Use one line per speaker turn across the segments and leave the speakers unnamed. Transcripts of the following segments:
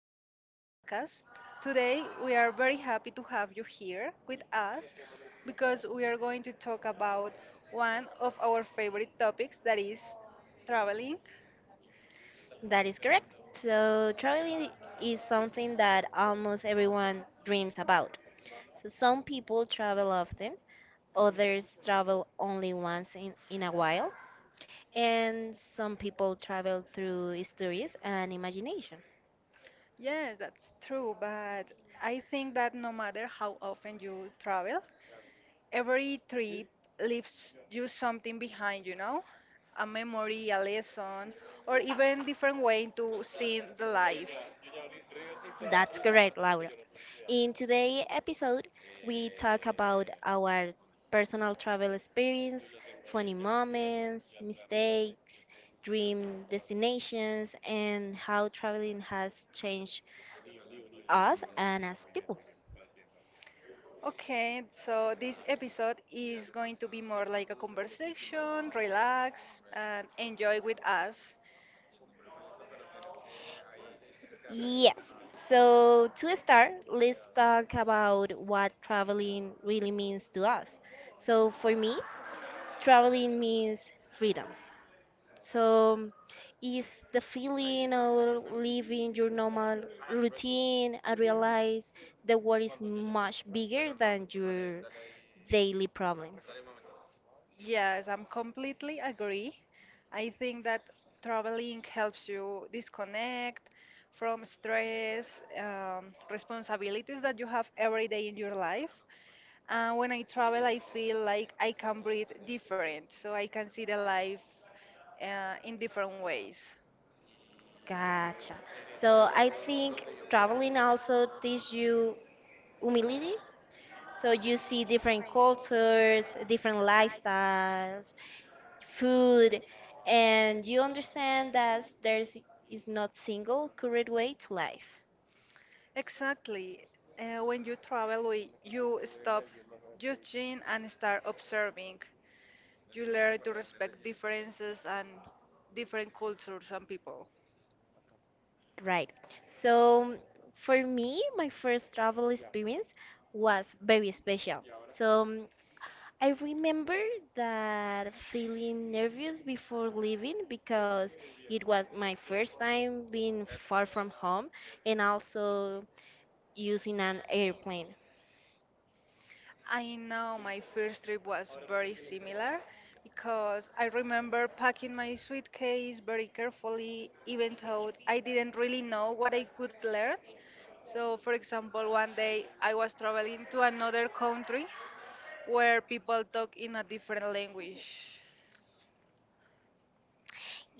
of our podcast. Today we are very happy to have you here with us because we are going to talk about one of our favorite topics that is traveling.
That is correct. So, traveling is something that almost everyone dreams about. So, some people travel often, others travel only once in a while, and some people travel through stories and imagination.
Yes, that's true, but I think that no matter how often you travel, every trip leaves you something behind, you know? A memory, a lesson, or even different way to see the life.
That's correct, Laura. In today's episode, we talk about our personal travel experience, funny moments, mistakes, dream destinations, and how traveling has changed us and as people.
Okay, so this episode is going to be more like a conversation, relax, and enjoy with us.
Yes. So, to start, let's talk about what traveling really means to us. So, for me, traveling means freedom. So, is the feeling of living your normal routine and realize the world is much bigger than your daily problems.
Yes, I'm completely agree. I think that traveling helps you disconnect from stress, responsibilities that you have every day in your life. And when I travel, I feel like I can breathe different, so I can see the life in different ways.
Gotcha. So, I think traveling also teaches you humility. So, you see different cultures, different lifestyles, food, and you understand that there is not single correct way to life.
Exactly. When you travel, you stop judging and start observing. You learn to respect differences and different cultures and people.
Right. So for me, my first travel experience was very special. So I remember that feeling nervous before leaving because it was my first time being far from home and also using an airplane.
I know my first trip was very similar because I remember packing my suitcase very carefully, even though I didn't really know what I could learn. So, for example, one day I was traveling to another country where people talk in a different language.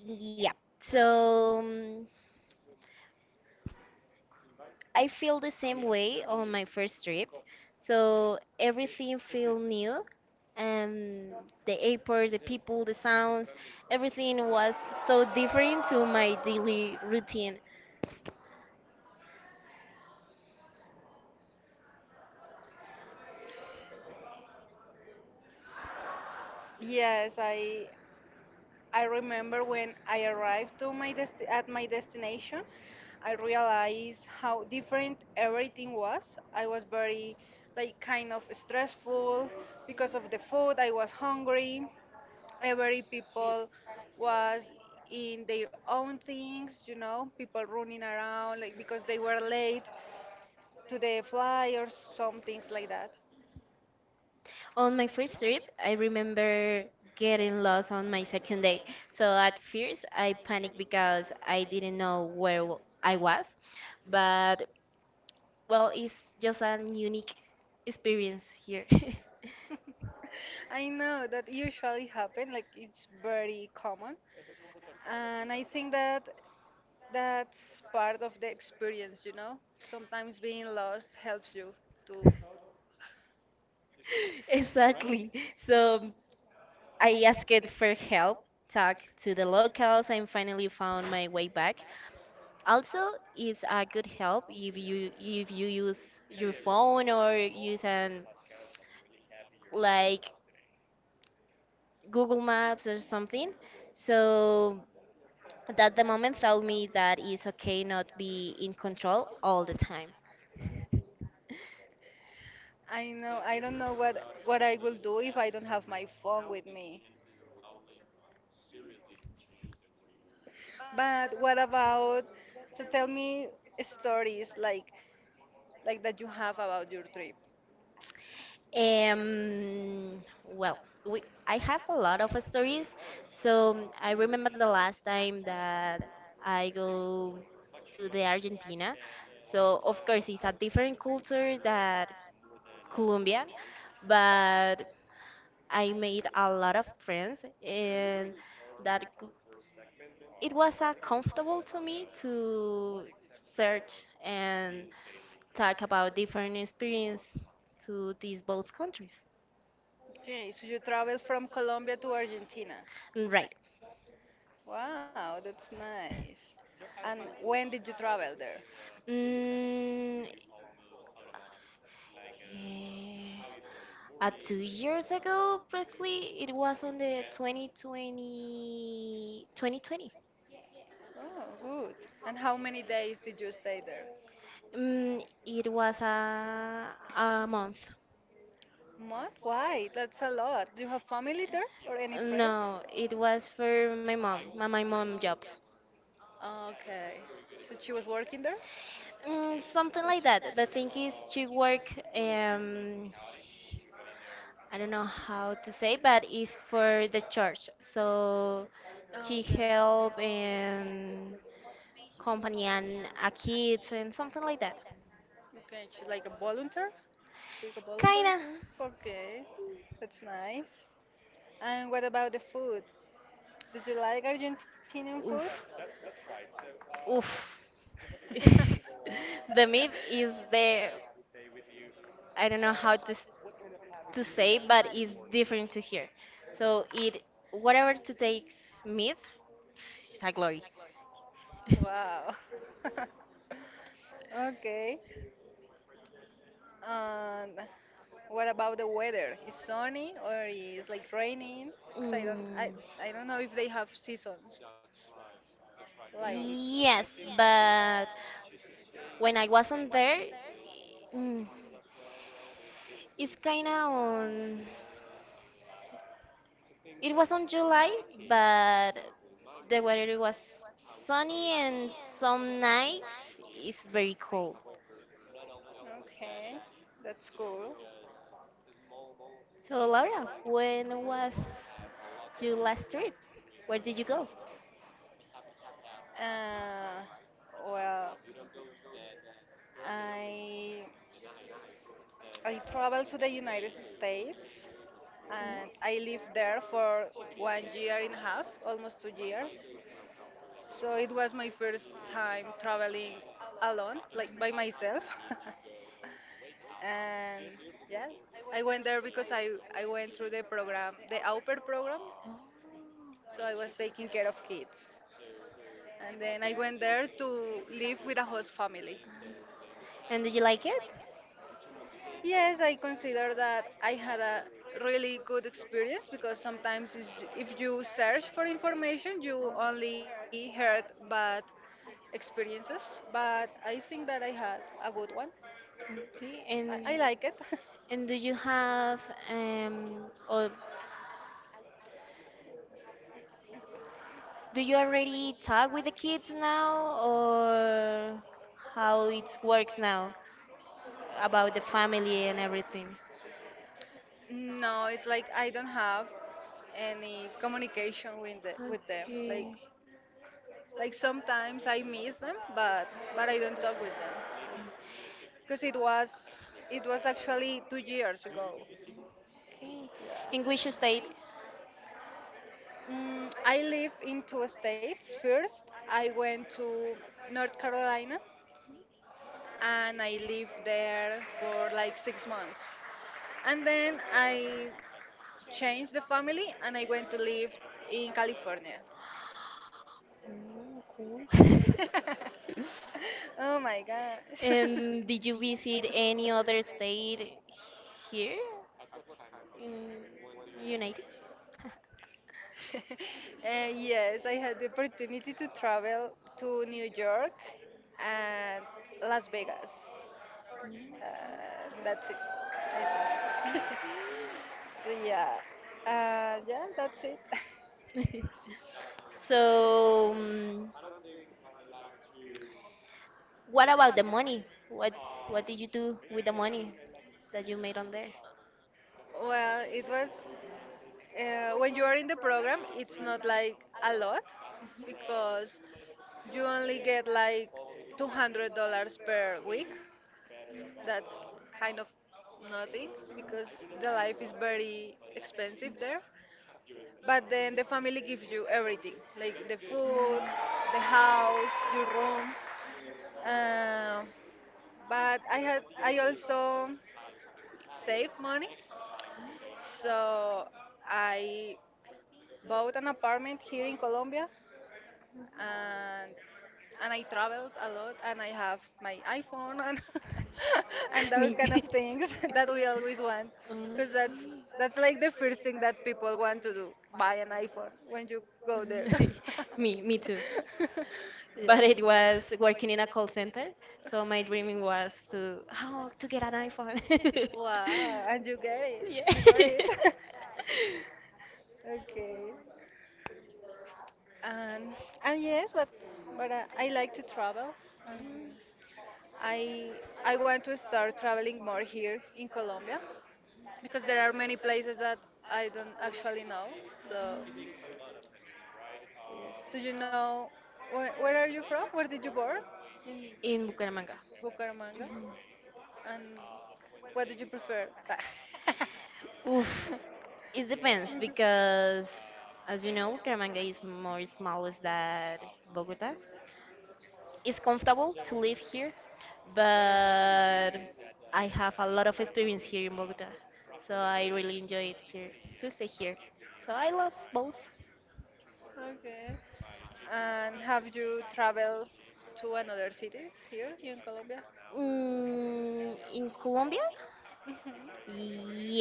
Yeah. So I feel the same way on my first trip. So everything feel new and the airport, the people, the sounds, everything was so different to my daily routine.
Yes, I remember when I arrived to my desti at my destination, I realized how different everything was. I was very like kind of stressful because of the food. I was hungry. Every people was in their own things, people running around like because they were late to the fly or some things like that.
On my first trip, I remember getting lost on my second day. So at first, I panicked because I didn't know where I was. But well, it's just an unique experience here.
I know that usually happen, like it's very common, and I think that that's part of the experience. Sometimes being lost helps you to.
Exactly. So I asked for help, talked to the locals, and finally found my way back. Also, it's a good help if you use your phone or use an like Google Maps or something. So that the moment told me that it's okay not be in control all the time.
I know I don't know what I will do if I don't have my phone with me. But what about? So tell me stories like that you have about your trip.
Well, we, I have a lot of stories. So I remember the last time that I go to the Argentina. So of course it's a different culture that Colombian, but I made a lot of friends and that cou- it was comfortable to me to search and talk about different experience to these both countries.
Okay, so you traveled from Colombia to Argentina.
Right.
Wow, that's nice. And when did you travel there?
Mm, eh, 2 years ago, practically, it was on the 2020.
Oh, good. And how many days did you stay there?
It was a month.
Month? Why? That's a lot. Do you have family there or any friends?
No, it was for my mom jobs.
Okay. So she was working there? Mm,
Something like that. The
she-
thing is, she work, I don't know how to say, but it's for the church. So she help
Okay.
and company and a kids and something like that.
Okay, she's like a volunteer? Like a volunteer?
Kinda.
Huh? Okay. That's nice. And what about the food? Did you like Argentinian food?
Oof. Oof. The myth is the I don't know how to to say, but it's different to here. So it whatever to takes myth is a glory.
Wow. Okay. And what about the weather? Is sunny or is like raining? Because
Mm,
I don't know if they have seasons. Like
yes, but when I wasn't there, mm, it's kinda on. It was on July, but the weather was sunny and some nights it's very cold.
Okay. That's cool.
So, Laura, when was your last trip? Where did you go?
Uh well, I I traveled to the United States and
Okay.
I lived there for one year and a half, almost 2 years. So it was my first time traveling alone, like by myself. And yes, I went there because I went through the program, the au pair program.
Oh.
So I was taking care of kids. And then I went there to live with a host family.
And did you like it?
Yes, I consider that I had a really good experience because sometimes if you search for information, you only heard bad experiences. But I think that I had a good one.
Okay.
I
And
like it.
And do you or do you already talk with the kids now, or how it works now about the family and everything?
No, it's like I don't have any communication with with them. Like
Okay.
sometimes I miss them, but I don't talk with them because it was actually 2 years ago.
Okay.
Yeah.
In which state?
Mm, I live in two states. First, I went to North Carolina and I lived there for like 6 months. And then I changed the family and I went to live in California.
Oh, cool.
Oh my gosh.
Did you visit any other state here in United?
Yes, I had the opportunity to travel to New York and Las Vegas. And that's it, I think. So yeah, yeah, that's it.
So, what about the money? What did you do with the money that you made on there?
Well, it was when you are in the program, it's not like a lot because you only get like $200 per week. That's kind of nothing because the life is very expensive there. But then the family gives you everything, like the food, the house, your room. Uh, but I also save money, so I bought an apartment here in Colombia and I traveled a lot and I have my iPhone and and those
Me.
kind of things that we always want
Okay.
because that's like the first thing that people want to do buy an iPhone when you go there.
me,
Me
me
me
too.
too.
But
Yeah,
it was working in a call center. So my dreaming was to how to get an iPhone.
wow, and
Yeah.
you got it. Okay, and yes, but I like to travel, and I I want to start traveling more here in Colombia because there are many places that I don't actually know. So, so, yes. Do you know where are you from? Where did you born? In
In Bucaramanga.
Bucaramanga.
Mhm.
And what did you prefer?
Oof, it depends because, as you know, Bucaramanga is more smallest than Bogota. It's comfortable to live here, but I have a lot of experience here in Bogota, so I really enjoy it here to stay here. So I love both.
Okay. And have you traveled to another cities here in Colombia?
In Colombia,
Mhm.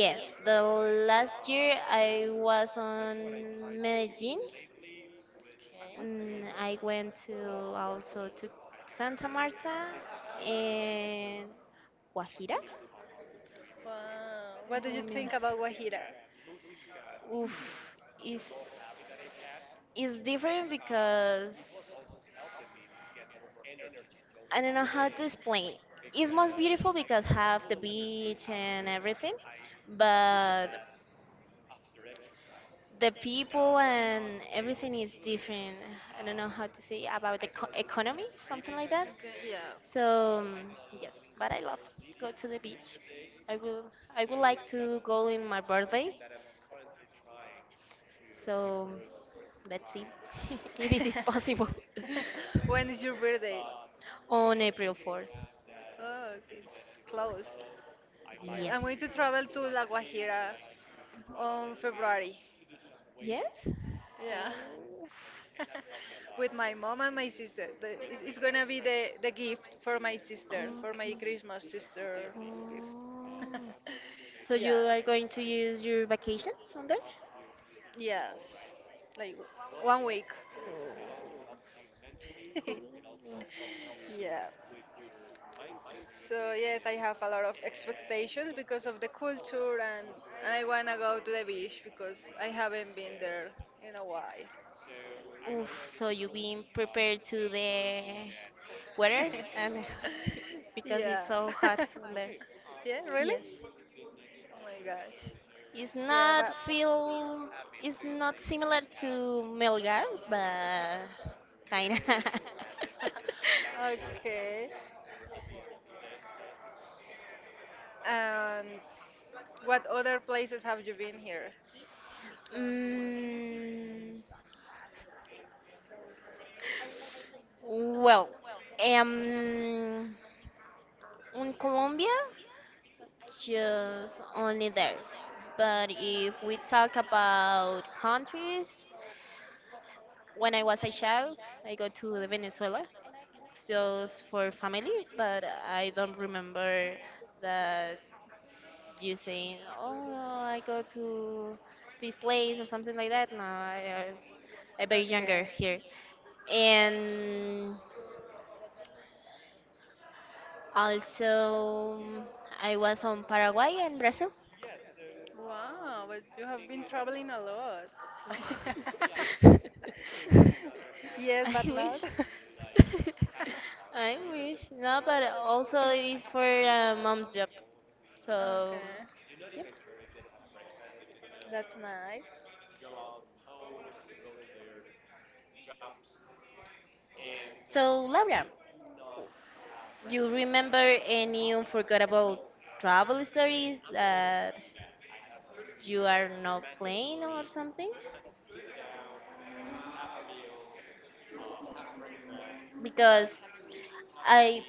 Yep.
the last year I was on Medellin.
Okay.
I went to also to Santa Marta and Guajira.
Wow. What do
I
you
mean,
think about Guajira?
oof, is is different because I don't know how to explain. It's most beautiful because have the beach and everything, but the people and everything is different. I don't know how to say about the economy, something like that.
Okay, yeah.
So yes, but I love go to the beach. I will I would like to go in my birthday. So let's see if it is possible.
When is your birthday?
On April 4th.
Oh, it's close. Yeah, I'm
Yes.
going to travel to La Guajira on February.
Yes?
Yeah.
Oh.
With my mom and my sister. It's gonna be the gift for my sister, for
Okay.
my Christmas sister gift.
Oh. So you
Yeah.
are going to use your vacation on there?
Yes. Like one week.
Oh. Cool.
Yeah. So yes, I have a lot of expectations because of the culture, and I wanna go to the beach because I haven't been there in a while.
Oof, so you being prepared to the weather and because
Yeah.
it's so hot from there.
Yeah, really?
Yes.
Oh my gosh.
It's
Yeah,
not
but.
feel it's not similar to Melgar, but kinda.
Okay. And what other places have you been here?
mm, well, um, in Colombia, just only there. But if we talk about countries, when I was a child, I go to Venezuela just for family, but I don't remember that you saying, "Oh, I go to this place" or something like that. No, I very younger
Okay.
here, and also I was on Paraguay and Brazil.
Wow, but you have been traveling a lot.
No.
Yes, but
I
not.
wish. I wish. No, but also it's for mom's job. So,
Okay. That's nice.
so, Laura, you remember any unforgettable travel stories that you are not playing or something? Because I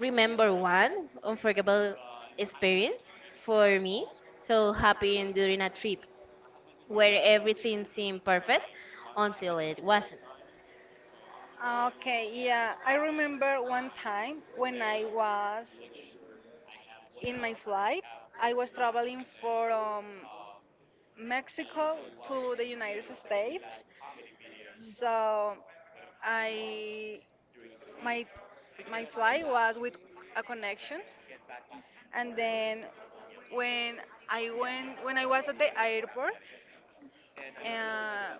remember one unforgettable experience for me. So happened during a trip where everything seemed perfect until it wasn't.
Ah, okay, yeah, I remember one time when I was in my flight. I was traveling from Mexico to the United States. So I my my flight was with a connection, and then when when I was at the airport, uh,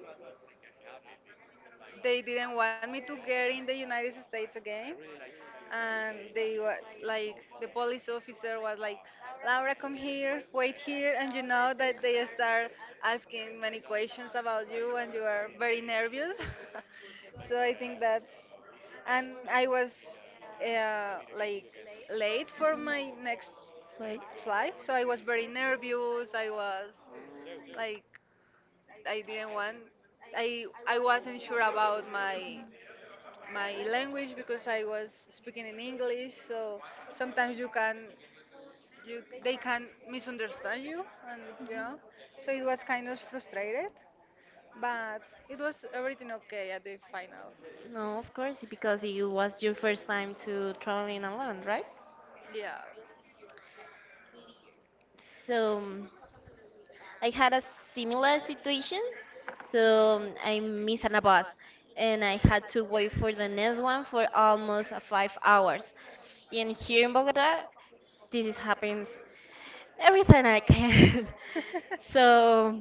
they didn't want me to get in the United States again, and they were like the police officer was like, Laura, come here, wait here, and you know that they start asking many questions about you, and you are very nervous. So and I was like late for my next
Like,
flight, so I was very nervous. I was like I didn't want I wasn't sure about my language because I was speaking in English, so sometimes you they can misunderstand you, and you know so it was kind of frustrated, but it was everything okay at the final.
no, of course, because it was your first time to traveling alone, right?
Yeah.
So I had a similar situation. So I missed a bus and I had to wait for the next one for almost 5 hours. And here in Bogota, this is happens every time I can. So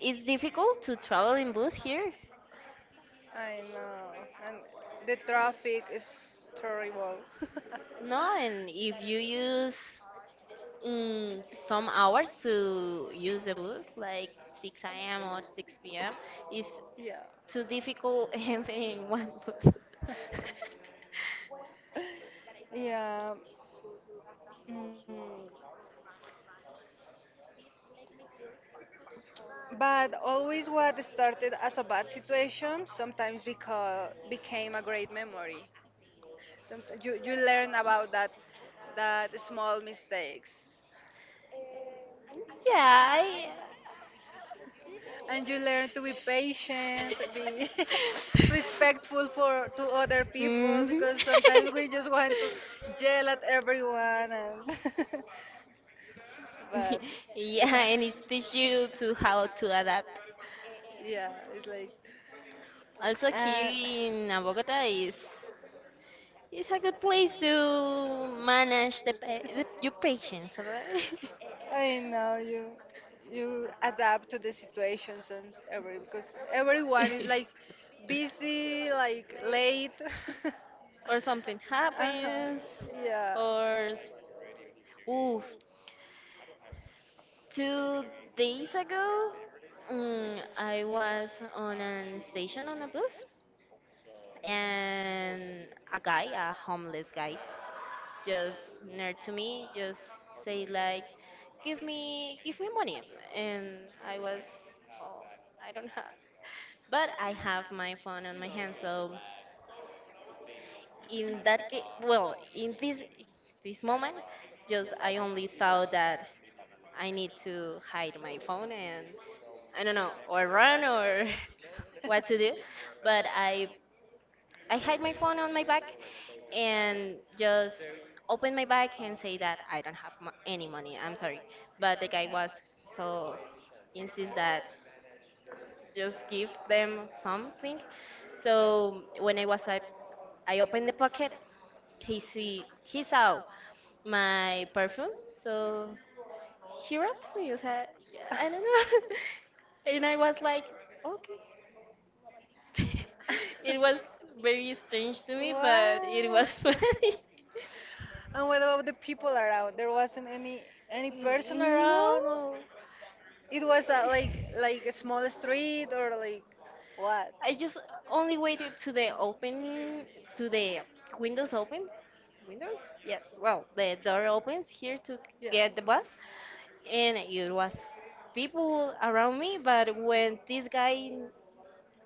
it's difficult to travel in bus here,
I know, and the traffic is terrible.
no? And if you use some hours to use the bus, like 6 a.m. or 6 p.m., it's
Yeah.
too difficult even in one bus.
Yeah. Mm. But always what started as a bad situation sometimes became a great memory. Sometimes you learn about that small mistakes.
Yeah, I.
And you learn to be patient, be respectful for to other people
Mhm.
because sometimes we just want to yell at everyone and but
Yeah,
yeah.
and it teaches you to how to adapt.
Yeah, it's like
Also
uh,
here in Bogota is it's a good place to manage the your patience, alright?
I know you adapt to the situations, and s- every because everyone is like busy, like late.
Or something
Uh-huh.
happens.
Yeah.
or s- Oof, 2 days ago, I was on a station on a bus, and a guy, a homeless guy, just near to me, just say like, give me money," and I was, "Oh, I don't have." But I have my phone on my hand, so in that case, well, in this moment, just I only thought that I need to hide my phone and I don't know, or run or what to do, but I hide my phone on my back and just open my bag and say that I don't have any money. I'm sorry, but the guy was so insist that just give them something. So when I opened the pocket, he saw my perfume, so he robbed me. I said, I don't know, and I was like, okay. It was very strange to me, but it was
What?
funny.
And what about the people around? There wasn't any person
No,
around, or like a small street, or like what?
I just only waited to the open, to the windows open. Windows? Yes. Well, the door opens here to
Yeah.
get the bus, and it was people around me. But when this guy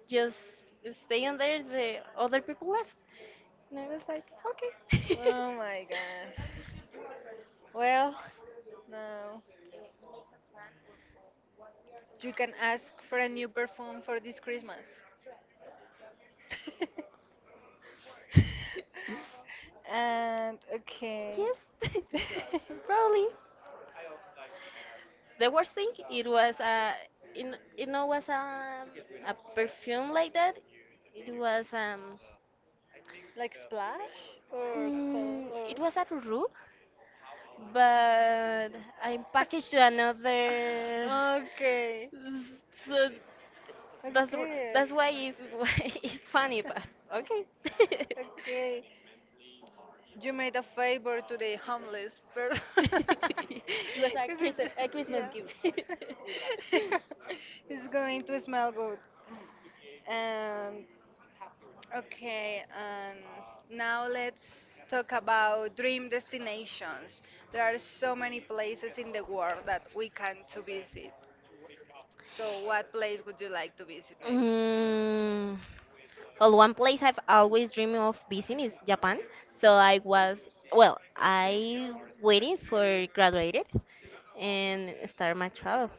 just stay on there, the other people left, and I was like, okay.
Oh my gosh. Well, no. You can ask for a new perfume for this Christmas. And okay.
Yes, probably. The worst thing it was a, in it no was a perfume like that. It was um
Like splash or call
mm,
or
it was at Ruru, but I packaged to another.
okay.
So
Okay.
that's why it's why it's funny, but okay.
Okay. You made a favor to the homeless person.
It was a
Because it's,
Christmas a Christmas
yeah.
gift.
It's going to smell good. Um, okay, now let's talk about dream destinations. There are so many places in the world that we can to visit. So what place would you like to visit maybe?
Mm, well, one place I've always dreamed of visiting is Japan. So well, I waiting for graduated and start my travel.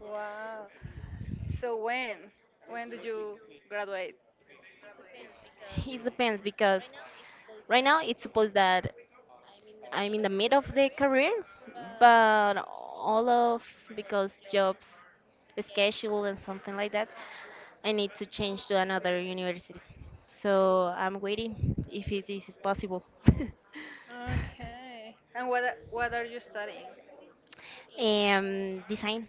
Wow. So when? When did you graduate?
It depends because right now it's supposed that I'm in the mid of the career, but all of because jobs, schedule, and something like that, I need to change to another university. So I'm waiting if it is possible.
Okay. And what what are you studying?
Design.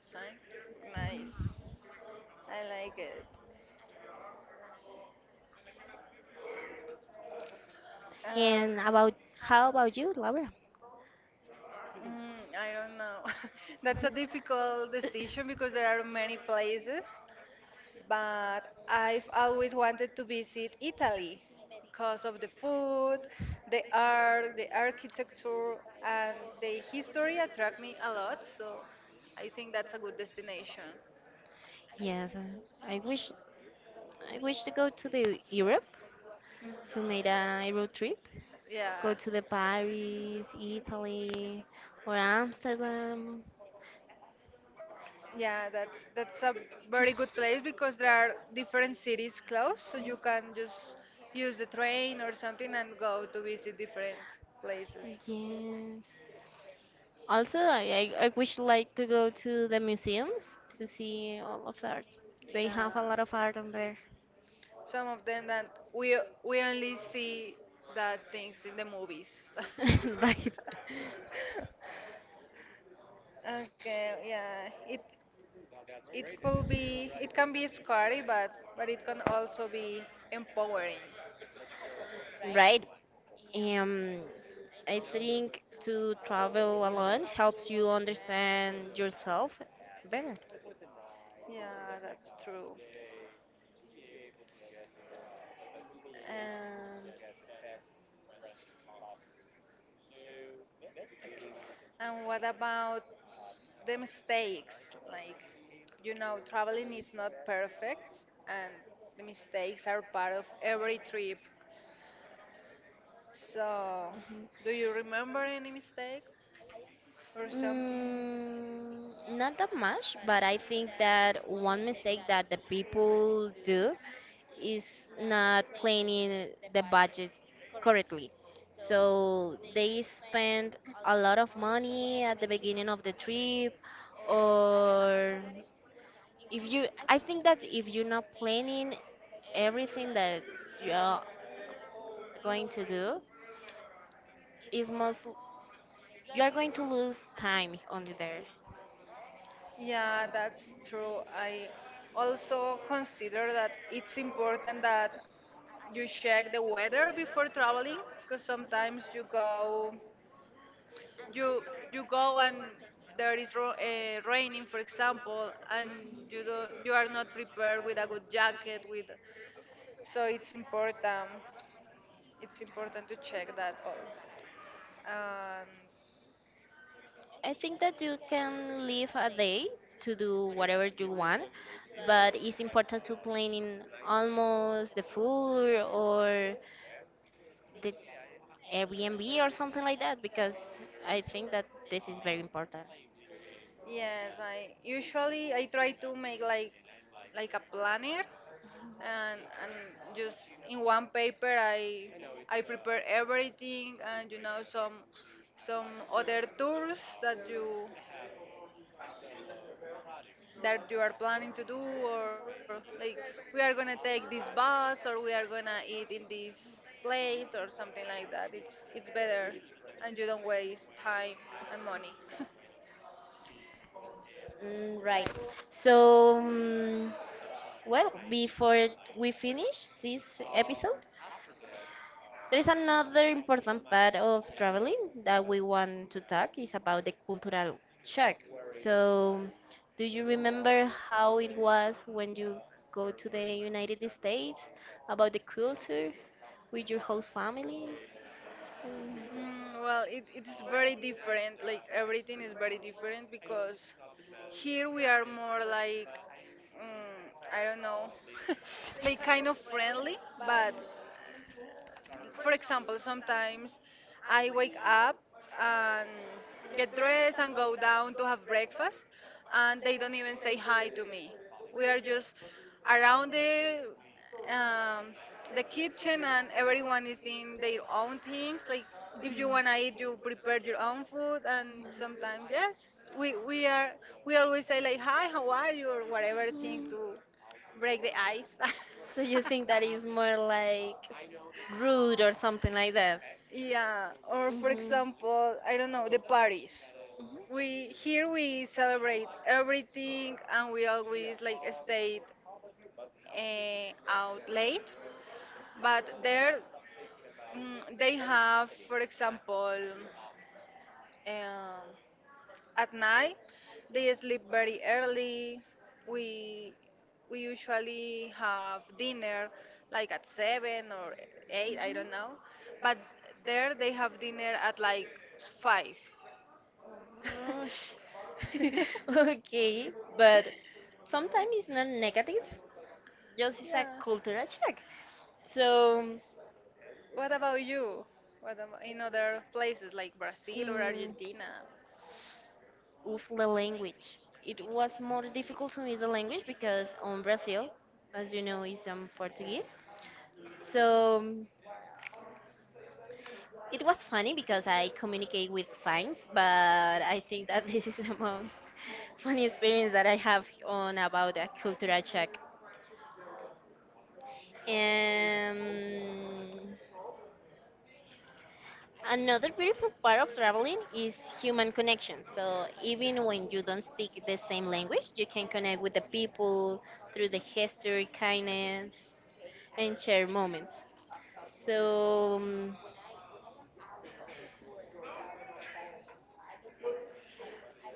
Psych? Nice. I like it. Uh,
And about How about you, Laura?
I don't know. That's a difficult decision because there are many places, but I've always wanted to visit Italy because of the food, the art, the architecture, and the history attract me a lot, so I think that's a good destination.
Yes, I wish I wish to go to the Europe
Mhm.
to make a
Yeah.
Euro trip. Go
Yeah.
to the Paris, Italy, or Amsterdam.
Yeah, that's a very good place because there are different cities close, so you can just use the train or something and go to visit different places.
Yes. Also, I wish like to go to the museums to see all of the art. They have a
Yeah,
lot of art on there.
some of them that we we only see that things in the movies.
Right.
Okay, yeah. It could be it can be scary, but it can also be empowering.
Right. Um, I think to travel alone helps you understand yourself better.
Yeah, that's true. And And what about the mistakes? Like, traveling is not perfect, and the mistakes are part of every trip. So,
Mhm.
do you remember any mistake or something?
Not that much, but I think that one mistake that the people do is not planning the budget correctly. So they spend a lot of money at the beginning of the trip, or if you, I think that if you're not planning everything that you're going to do, is most you are going to lose time on there.
Yeah, that's true. I also consider that it's important that you check the weather before traveling because sometimes you you go and there is raining for example, and you are not prepared with a good jacket, with, so it's important to check that all. And
I think that you can leave a day to do whatever you want, but it's important to plan in almost the food or the Airbnb or something like that because I think that this is very important.
yes, I usually I try to make like a planner, and just in one paper I prepare everything. And some other tools that you are planning to do, or like we are gonna take this bus or we are gonna eat in this place or something like that. It's better, and you don't waste time and money.
Right. So, well, before we finish this episode, there is another important part of traveling that we want to talk is about the cultural shock. So, do you remember how it was when you go to the United States about the culture with your host family? Mm.
Well, it's very different, like everything is very different, because here we are more like, I don't know, like kind of friendly, but for example, sometimes I wake up and get dressed and go down to have breakfast, and they don't even say hi to me. We are just around um, the kitchen, and everyone is in their own things. Like if you wanna eat, you prepare your own food, and sometimes, yes, we we are we always say like hi, how are you, or whatever thing
Mm.
to break the ice.
So you think that is more like rude or something like that.
Yeah, or for example, I don't know, the parties. We, here we celebrate everything, and we always like stay out late, but there, they have, for example, um, at night, they sleep very early. We we usually have dinner like at 7 or 8, I don't know. But there they have dinner at like 5.
Gosh.
Okay,
Okay, but sometimes it's not negative, just it's a
yeah.
cultural check. So,
What about you? What about in other places like Brazil or
mm,
Argentina?
with the language, it was more difficult to me the language because on Brazil, as you know, is Portuguese. So it was funny because I communicate with signs, but I think that this is the most funny experience that I have on about a cultural check. Um, another beautiful part of traveling is human connection. So even when you don't speak the same language, you can connect with the people through the history, kindness, and share moments. So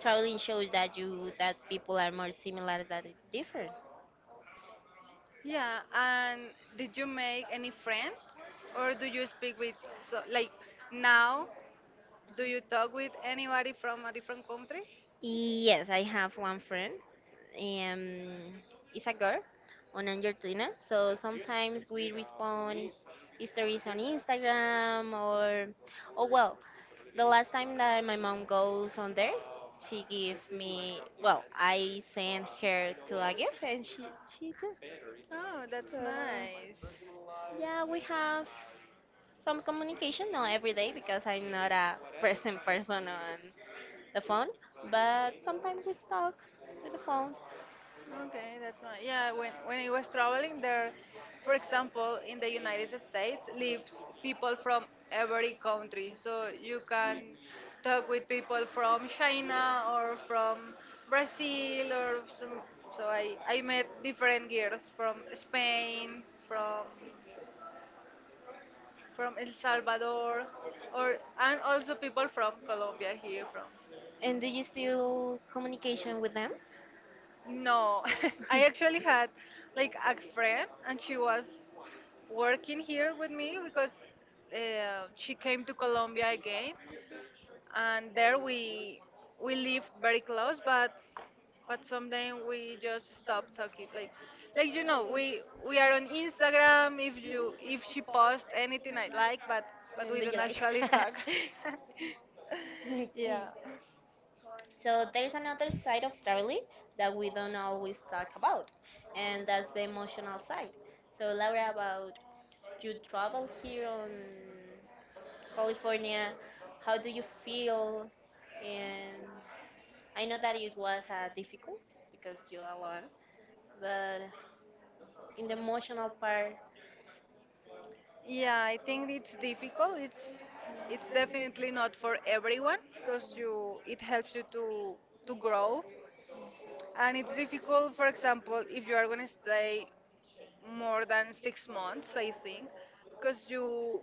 traveling shows that people are more similar than different.
Yeah, and did you make any friends? Or do you speak with, so, like, now, do you talk with anybody from a different country?
Yes, I have one friend. Um, it's a girl on Argentina. So sometimes we respond stories on Instagram or, oh well, the last time that my mom goes on there, she gave me, well, I sent her to a gift and she took.
Oh,
So
that's nice.
yeah, we have some communication, not every day because I'm not a present person on the phone, but sometimes we talk with the phone.
Okay, that's nice. Yeah, when I was traveling there, for example, in the United States lives people from every country. So you can talk with people from China or from Brazil or some, so I met different girls from Spain, from El Salvador, or and also people from Colombia, here from.
And do you still communication with them?
No, I actually had like a friend, and she was working here with me because she came to Colombia again, and there we lived very close, but someday we just stopped talking. Like, we are on Instagram, if she posts anything I like, but
And
we
do
don't
you like?
actually talk.
Okay.
Yeah.
So there is another side of traveling that we don't always talk about, and that's the emotional side. So Laura, about you travel here on California, how do you feel? And I know that it was difficult because you alone, but in the emotional part,
Yeah, I think it's difficult. It's definitely not for everyone because you it helps you to grow, and it's difficult. For example, if you are gonna stay more than 6 months, I think, because you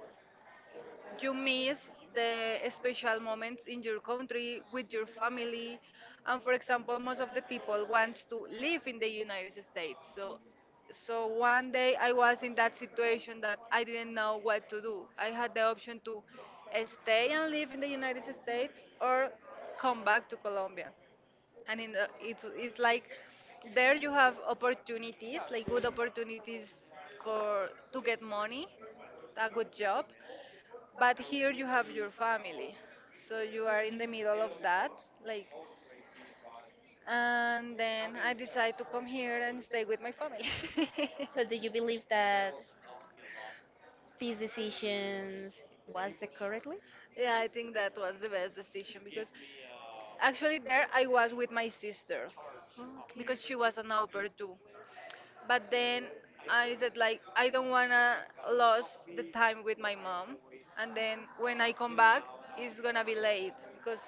you miss the special moments in your country with your family. And for example, most of the people wants to live in the United States, so one day I was in that situation that I didn't know what to do. I had the option to stay and live in the United States or come back to Colombia, and it's like there you have opportunities, like good opportunities for to get money, a good job, but here you have your family. So you are in the middle of that, like, and then I decide to come here and stay with my family.
so do you believe that these decisions was the correctly?
Yeah, I think that was the best decision because actually there I was with my sister,
Okay.
because she was an au pair too. But then I said, like, I don't wanna lose the time with my mom, and then when I come back, it's gonna be late, because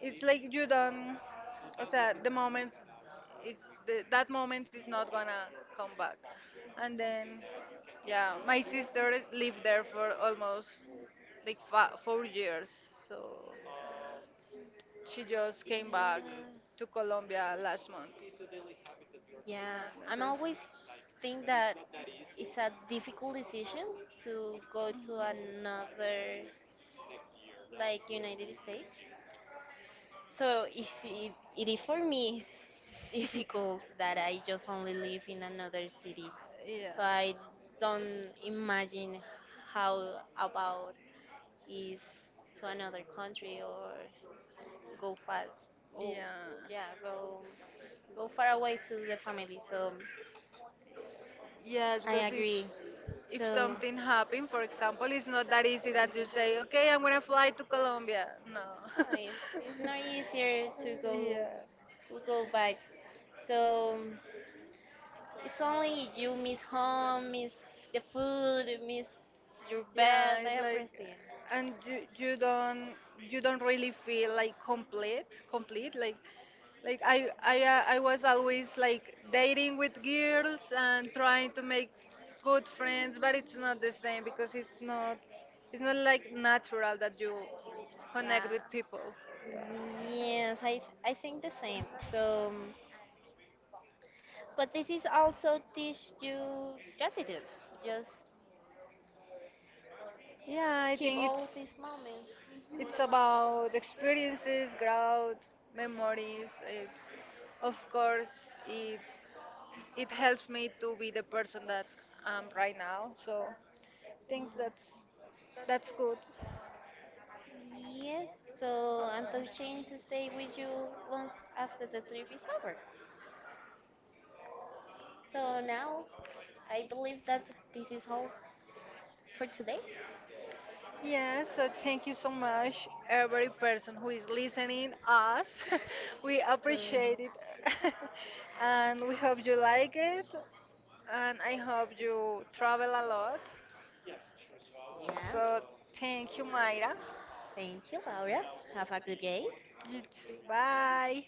it's like you don't. O sea, the moments is the, that moments is not gonna come back. And then, yeah, my sister lived there for almost like 4 years, so she just
Yeah,
came back to Colombia last month.
yeah.
And
I'm
because.
always think that it's a difficult decision to go to another like United States. So if it is for me difficult that I just only live in another city. So I don't imagine how about is to another country or go fast.
Yeah.
Oh,
Yeah.
yeah, go far away to the family. So
Yes,
I
because if
agree.
if
So
something happens, for example, it's not that easy that you say, okay, I'm gonna fly to Colombia. No.
no, it's not easier
Yeah.
to go back. So it's only you miss home, miss the food, miss your bed,
Yeah, it's like,
everything.
and you don't really feel like complete, complete. Like, I was always like dating with girls and trying to make good friends, but it's not the same, because it's not like natural that you
Yeah.
connect with people.
Yes, I think the same. So, but this is also teach you gratitude. Just
Yeah, I
keep
think
all these
it's.
moments.
It's about experiences, growth, memories. It's, of course, it helps me to be the person that I'm right now. So I think that's good.
Yes. So and
Uh-uh.
changes stay with you long after the trip is over. So now I believe that this is all for today.
Yeah, so thank you so much, every person who is listening us. We appreciate it, and we hope you like it. And I hope you travel a lot.
Yeah.
So thank you, Mayra.
Thank you, Laura. Have a good day.
You too. Bye.